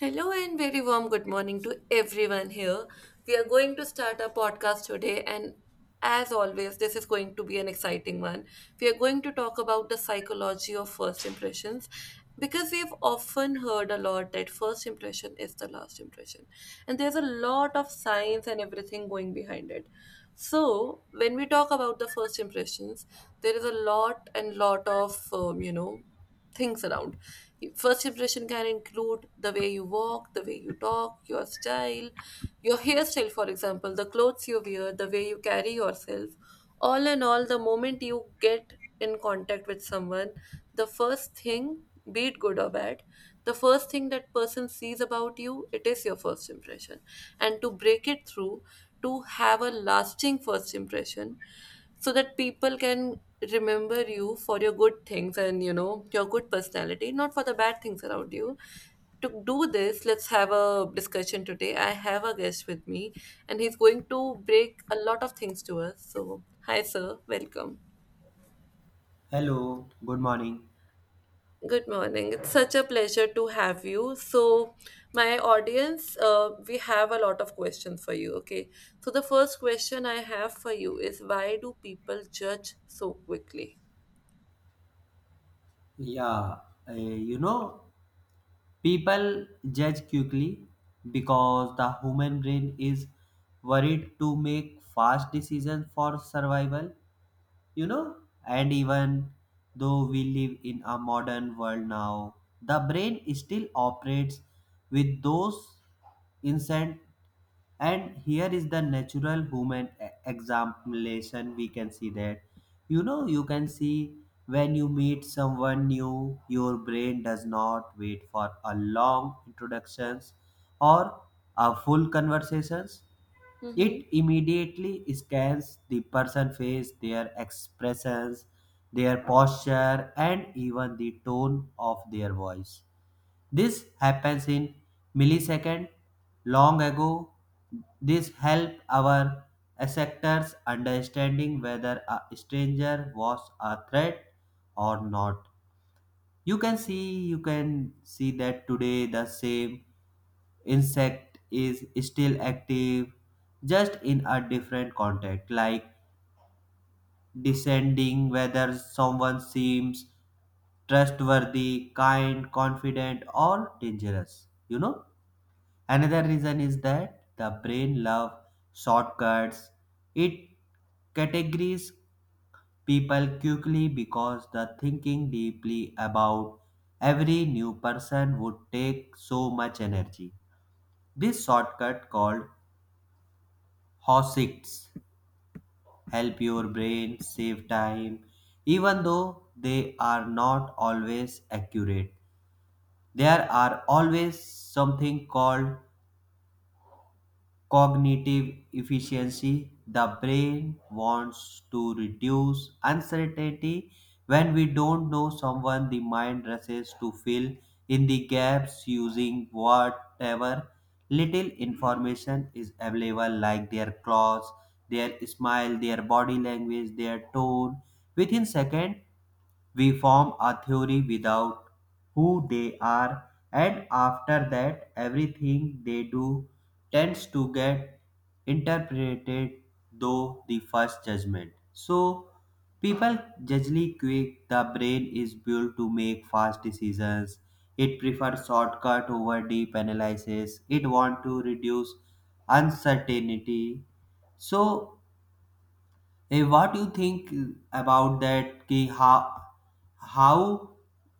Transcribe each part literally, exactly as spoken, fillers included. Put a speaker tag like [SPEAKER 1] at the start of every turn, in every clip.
[SPEAKER 1] Hello and very warm good morning to everyone here. We are going to start our podcast today, and as always, this is going to be an exciting one. We are going to talk about the psychology of first impressions because we have often heard a lot that first impression is the last impression, and there's a lot of science and everything going behind it. So, when we talk about the first impressions, there is a lot and lot of, um, you know, things around. First impression can include the way you walk, the way you talk, your style, your hairstyle, for example, the clothes you wear, the way you carry yourself. All in all, the moment you get in contact with someone, the first thing, be it good or bad, the first thing that person sees about you, it is your first impression. And to break it through, to have a lasting first impression, so that people can remember you for your good things and you know your good personality, not for the bad things around you. To do this, let's have a discussion today. I have a guest with me, and he's going to break a lot of things to us. So hi sir, welcome.
[SPEAKER 2] Hello, good morning.
[SPEAKER 1] Good morning. It's such a pleasure to have you. So, my audience, uh, we have a lot of questions for you. Okay. So, the first question I have for you is why do people judge so quickly?
[SPEAKER 2] Yeah, uh, you know, people judge quickly because the human brain is worried to make fast decisions for survival, you know, and even though we live in a modern world now, the brain still operates with those instant and here is the natural human e- examination we can see that, you know, you can see, when you meet someone new your brain does not wait for a long introductions or a full conversations.
[SPEAKER 1] Mm-hmm.
[SPEAKER 2] It immediately scans the person face, their expressions, their posture, and even the tone of their voice. This happens in milliseconds. Long ago, this helped our sectors understanding whether a stranger was a threat or not. You can see, you can see that today the same insect is still active, just in a different context, like descending whether someone seems trustworthy, kind, confident, or dangerous. You know. Another reason is that the brain love shortcuts. It categories people quickly because the thinking deeply about every new person would take so much energy. This shortcut called HOSITs help your brain save time even though they are not always accurate. There are always something called cognitive efficiency. The brain wants to reduce uncertainty. When we don't know someone, the mind rushes to fill in the gaps using whatever little information is available, like their clothes, their smile, their body language, their tone. Within seconds, we form a theory without who they are, and after that, everything they do tends to get interpreted though the first judgment. So, people generally quick, the brain is built to make fast decisions. It prefers shortcut over deep analysis. It wants to reduce uncertainty. So Eh, what do you think about that? Ki how, how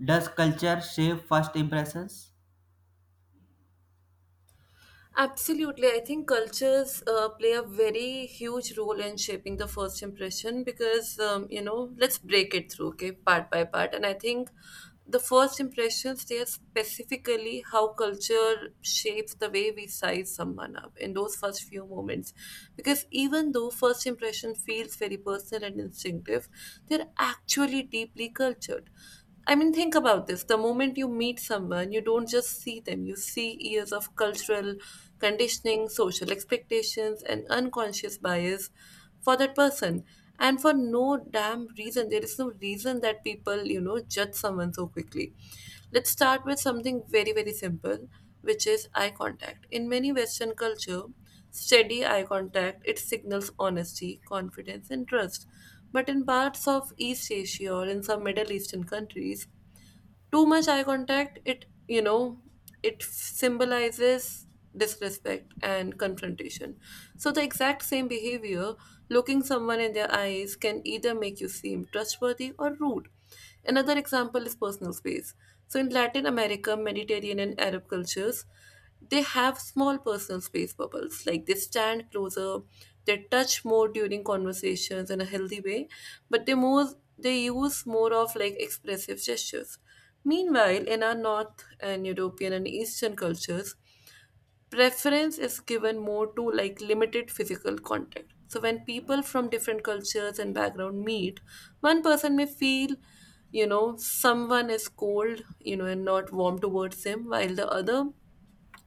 [SPEAKER 2] does culture shape first impressions?
[SPEAKER 1] Absolutely. I think cultures uh, play a very huge role in shaping the first impression because, um, you know, let's break it through, okay, part by part. And I think the first impressions, they are specifically how culture shapes the way we size someone up in those first few moments. Because even though first impression feels very personal and instinctive, they're actually deeply cultured. I mean, think about this. The moment you meet someone, you don't just see them, you see years of cultural conditioning, social expectations, and unconscious bias for that person. And for no damn reason, there is no reason that people, you know, judge someone so quickly. Let's start with something very, very simple, which is eye contact. In many Western culture, steady eye contact, it signals honesty, confidence, and trust. But in parts of East Asia or in some Middle Eastern countries, too much eye contact, it, you know, it symbolizes disrespect and confrontation. So the exact same behavior, looking someone in their eyes, can either make you seem trustworthy or rude. Another example is personal space. So in Latin America, Mediterranean and Arab cultures, they have small personal space bubbles. Like they stand closer, they touch more during conversations in a healthy way, but they more they use more of like expressive gestures. Meanwhile, in our North and European and Eastern cultures, preference is given more to like limited physical contact. So when people from different cultures and background meet, one person may feel, you know, someone is cold, you know, and not warm towards him, while the other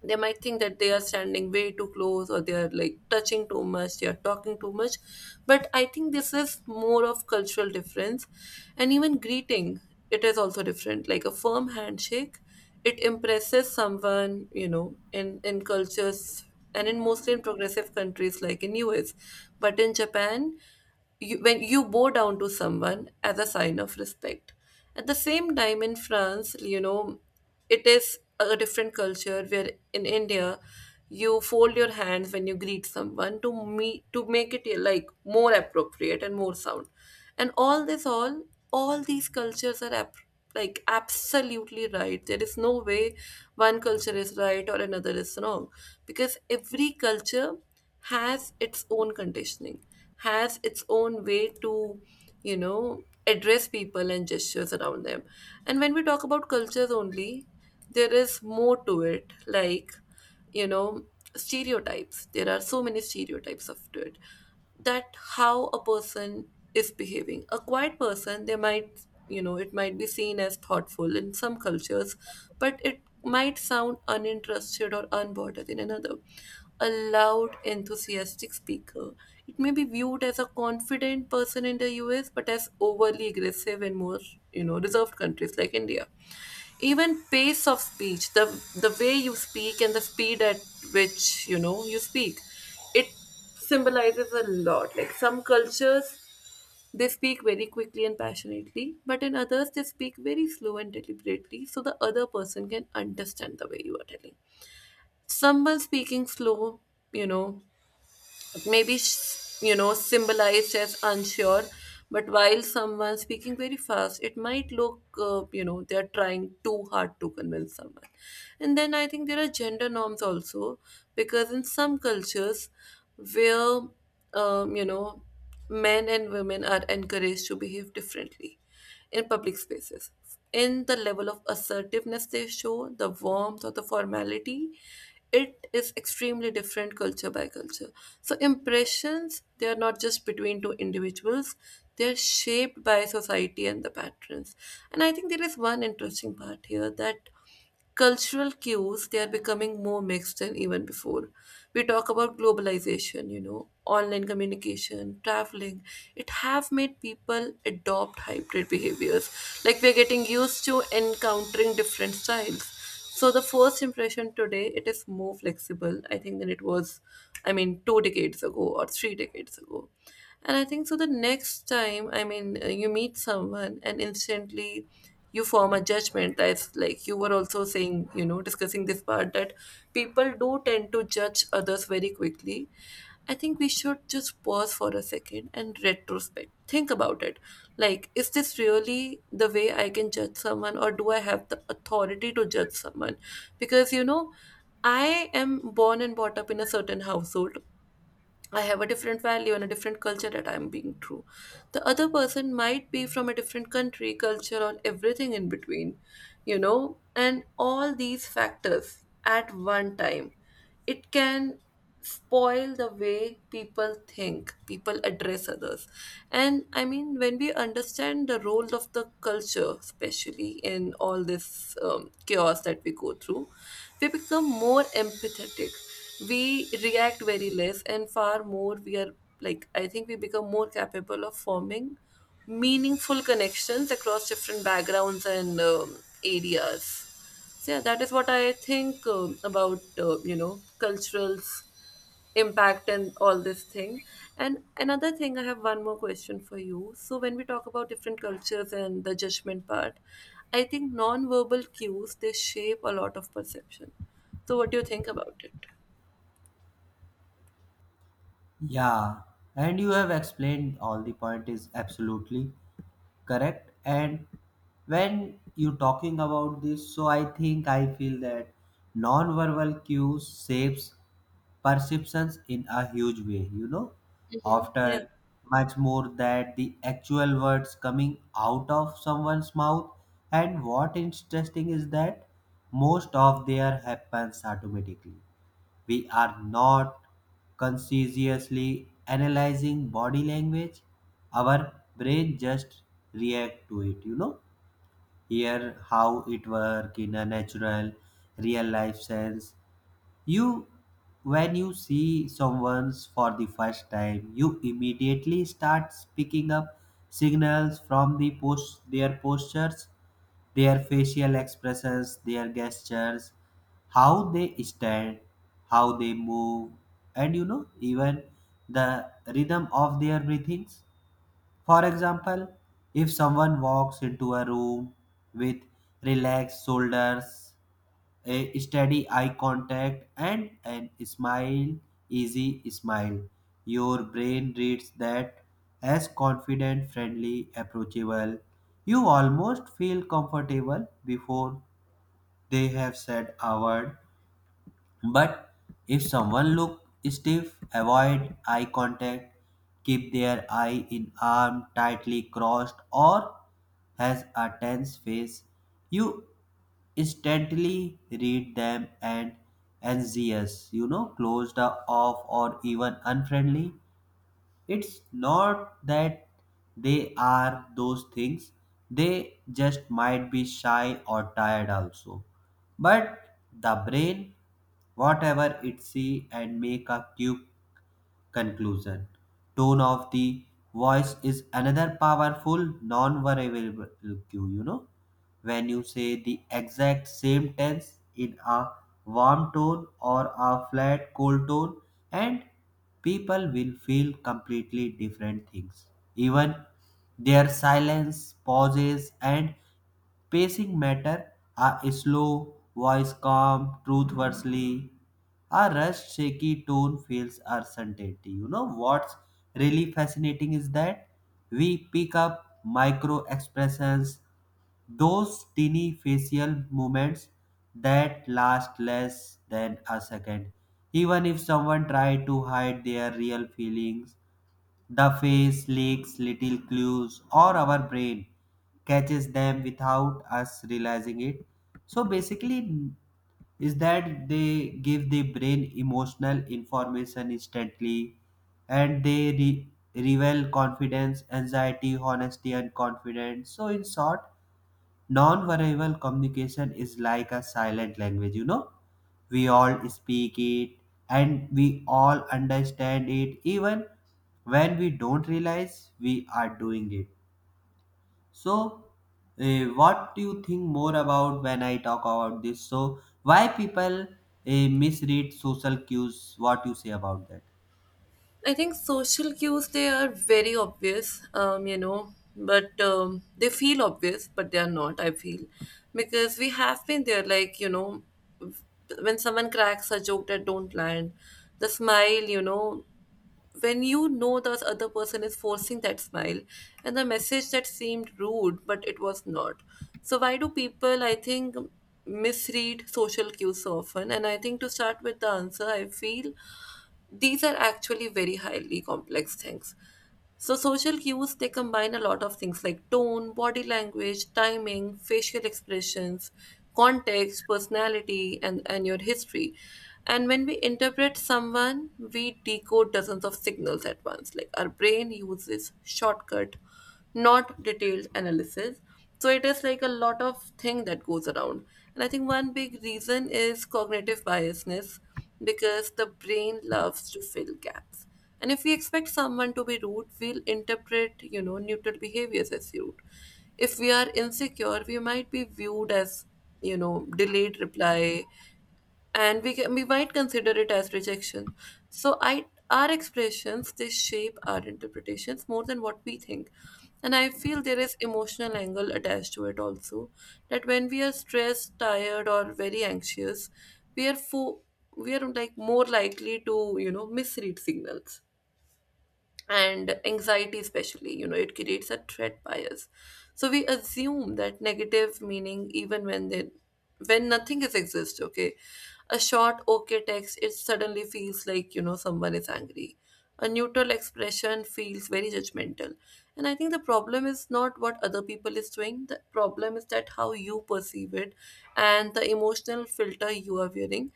[SPEAKER 1] they might think that they are standing way too close, or they are like touching too much, they are talking too much. But I think this is more of cultural difference. And even greeting, it is also different. Like a firm handshake, it impresses someone, you know, in in cultures, and in mostly in progressive countries like in US. But in Japan, you, when you bow down to someone as a sign of respect. At the same time, in France, you know, it is a different culture, where in India you fold your hands when you greet someone to me to make it like more appropriate and more sound. And all this, all all these cultures are ap- like absolutely right. There is no way one culture is right or another is wrong, because every culture has its own conditioning, has its own way to, you know, address people and gestures around them. And when we talk about cultures only, there is more to it, like, you know, stereotypes. There are so many stereotypes of to it that how a person is behaving. A quiet person, they might, you know, it might be seen as thoughtful in some cultures, but it might sound uninterested or unbothered in another. A loud, enthusiastic speaker, it may be viewed as a confident person in the U S, but as overly aggressive in more, you know, reserved countries like India. Even pace of speech, the the way you speak and the speed at which, you know, you speak, it symbolizes a lot. Like some cultures, they speak very quickly and passionately, but in others they speak very slow and deliberately so the other person can understand the way you are telling. Someone speaking slow, you know, maybe s- you know symbolized as unsure, but while someone speaking very fast, it might look, uh, you know, they're trying too hard to convince someone. And then I think there are gender norms also, because in some cultures where, um, you know, men and women are encouraged to behave differently in public spaces, in the level of assertiveness they show, the warmth or the formality, it is extremely different culture by culture. So impressions, they are not just between two individuals, they are shaped by society and the patterns. And I think there is one interesting part here, that cultural cues, they are becoming more mixed than even before. We talk about globalization, you know, online communication, traveling, it have made people adopt hybrid behaviors. Like we're getting used to encountering different styles, so the first impression today, it is more flexible, I think, than it was, I mean, two decades ago or three decades ago. And I think so the next time, I mean, uh, you meet someone and instantly you form a judgment. That's like you were also saying, you know, discussing this part, that people do tend to judge others very quickly. I think we should just pause for a second and retrospect. Think about it. Like, is this really the way I can judge someone, or do I have the authority to judge someone? Because, you know, I am born and brought up in a certain household. I have a different value and a different culture that I'm being true. The other person might be from a different country, culture, or everything in between, you know, and all these factors at one time. It can spoil the way people think, people address others. And I mean, when we understand the role of the culture, especially in all this um, chaos that we go through, we become more empathetic, we react very less, and far more we are, like, I think we become more capable of forming meaningful connections across different backgrounds and, um, areas. So yeah, that is what I think, um, about, uh, you know, cultural impact and all this thing. And another thing, I have one more question for you. So when we talk about different cultures and the judgment part, I think non-verbal cues, they shape a lot of perception. So what do you think about it?
[SPEAKER 2] Yeah, and you have explained all the point is absolutely correct. And when you talking about this, so I think I feel that non-verbal cues shapes perceptions in a huge way, you know
[SPEAKER 1] Mhm. Yeah,
[SPEAKER 2] often much more than the actual words coming out of someone's mouth. And what interesting is that most of their happens automatically. We are not consciously analyzing body language. Our brain just react to it, you know. Here how it work in a natural, real life sense. You, when you see someone for the first time, you immediately start picking up signals from the post, their postures, their facial expressions, their gestures, how they stand, how they move, and, you know, even the rhythm of their breathings. For example, if someone walks into a room with relaxed shoulders, a steady eye contact and an smile, easy smile, your brain reads that as confident, friendly, approachable. You almost feel comfortable before they have said a word. But if someone looks stiff, avoid eye contact, keep their eye in arm tightly crossed, or has a tense face, you instantly read them and anxious, you know, closed off or even unfriendly. It's not that they are those things, they just might be shy or tired also. But the brain, whatever it see and make a cue conclusion. Tone of the voice is another powerful non-variable cue, you know. When you say the exact same tense in a warm tone or a flat cold tone, and people will feel completely different things. Even their silence, pauses and pacing matter. A slow voice calm, truth versely. Our rushed, shaky tone feels our. You know what's really fascinating is that we pick up micro expressions, those teeny facial movements that last less than a second. Even if someone tried to hide their real feelings, the face leaks little clues, or our brain catches them without us realizing it. So basically, is that they give the brain emotional information instantly and they re- reveal confidence, anxiety, honesty, and confidence. So, in short, non-verbal communication is like a silent language, you know. We all speak it and we all understand it even when we don't realize we are doing it. So, eh, what do you think more about when I talk about this? So, why people eh, misread social cues? What you say about that?
[SPEAKER 1] I think social cues, they are very obvious, um, you know, but um, they feel obvious, but they are not, I feel. Because we have been there, like, you know, when someone cracks a joke that don't land, the smile, you know, when you know that other person is forcing that smile, and the message that seemed rude, but it was not. So why do people, I think, misread social cues so often? And I think to start with the answer, I feel these are actually very highly complex things. So, social cues, they combine a lot of things like tone, body language, timing, facial expressions, context, personality, and, and your history. And when we interpret someone, we decode dozens of signals at once. Like our brain uses shortcut, not detailed analysis. So it is like a lot of thing that goes around. And I think one big reason is cognitive biasness, because the brain loves to fill gaps. And if we expect someone to be rude, we'll interpret, you know, neutral behaviors as rude. If we are insecure, we might be viewed as, you know, delayed reply and we can, we might consider it as rejection. So i our expressions, they shape our interpretations more than what we think. And I feel there is emotional angle attached to it also, that when we are stressed, tired, or very anxious, we are fo- we are like more likely to you know misread signals. And anxiety, especially, you know it creates a threat bias, so we assume that negative meaning even when they when nothing is exist. Okay, a short okay text, it suddenly feels like, you know someone is angry. A neutral expression feels very judgmental. And I think the problem is not what other people is doing. The problem is that how you perceive it and the emotional filter you are wearing.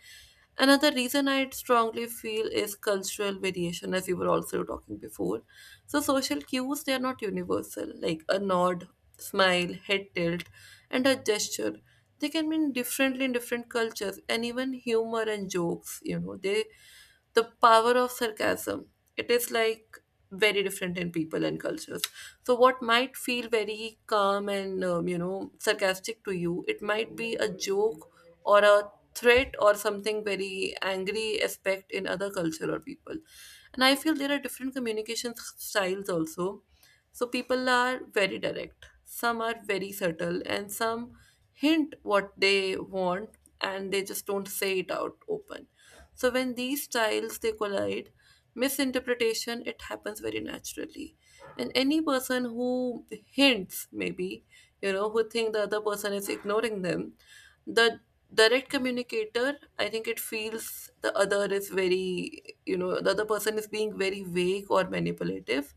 [SPEAKER 1] Another reason I strongly feel is cultural variation, as you were also talking before. So social cues, they are not universal, like a nod, smile, head tilt, and a gesture. They can mean differently in different cultures, and even humor and jokes, you know, they the power of sarcasm. It is like very different in people and cultures. So, what might feel very calm and um, you know sarcastic to you, it might be a joke or a threat or something very angry aspect in other culture or people. And I feel there are different communication s- styles also. So people are very direct. Some are very subtle and some hint what they want and they just don't say it out open. So when these styles they collide, misinterpretation it happens very naturally. And any person who hints maybe, you know, who think the other person is ignoring them, the direct communicator, I think it feels the other is very, you know, the other person is being very vague or manipulative.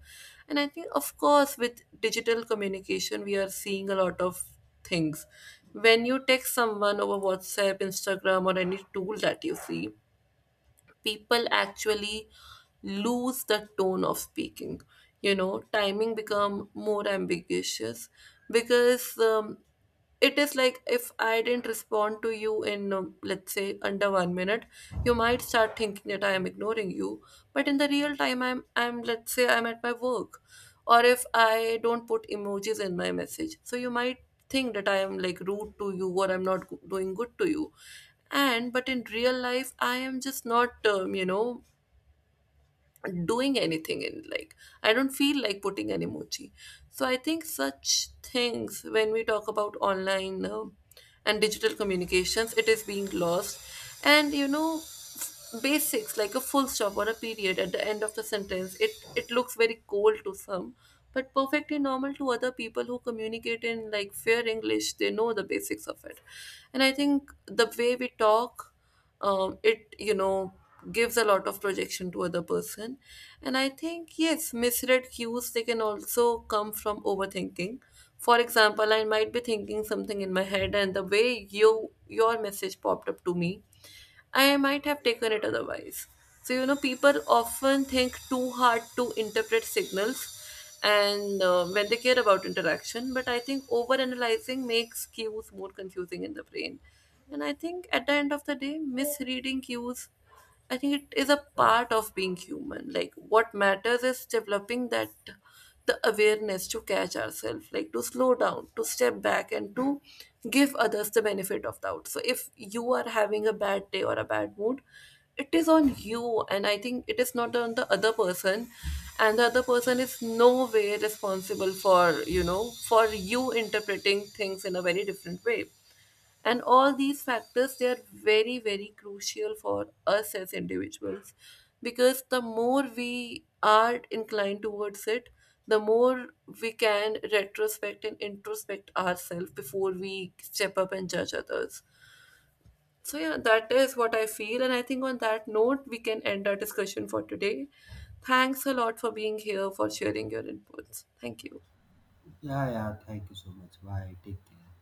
[SPEAKER 1] And I think, of course, with digital communication, we are seeing a lot of things. When you text someone over WhatsApp, Instagram, or any tool that you see, people actually lose the tone of speaking you know Timing become more ambiguous because um, it is like if I didn't respond to you in um, let's say under one minute, you might start thinking that I am ignoring you. But in the real time, i'm i'm let's say I'm at my work, or if I don't put emojis in my message. So you might think that I am like rude to you or I'm not go- doing good to you. And but in real life, I am just not, um, you know, doing anything in like, I don't feel like putting an emoji. So I think such things when we talk about online uh, and digital communications, it is being lost. And you know f- basics like a full stop or a period at the end of the sentence, it it looks very cold to some, but perfectly normal to other people who communicate in like fair English. They know the basics of it. And I think the way we talk, um, it, you know gives a lot of projection to other person. And I think, yes, misread cues, they can also come from overthinking. For example, I might be thinking something in my head, and the way you your message popped up to me, I might have taken it otherwise. So, you know, people often think too hard to interpret signals and uh, when they care about interaction, but I think overanalyzing makes cues more confusing in the brain. And I think at the end of the day, misreading cues, I think it is a part of being human. Like, what matters is developing that the awareness to catch ourselves, like to slow down, to step back, and to give others the benefit of doubt. So if you are having a bad day or a bad mood, it is on you, and I think it is not on the other person. And the other person is no way responsible for you know for you interpreting things in a very different way. And all these factors, they are very, very crucial for us as individuals, because the more we are inclined towards it, the more we can retrospect and introspect ourselves before we step up and judge others. So yeah, that is what I feel, and I think on that note, we can end our discussion for today. Thanks a lot for being here, for sharing your inputs. Thank you.
[SPEAKER 2] Yeah, yeah, thank you so much. Bye, take care.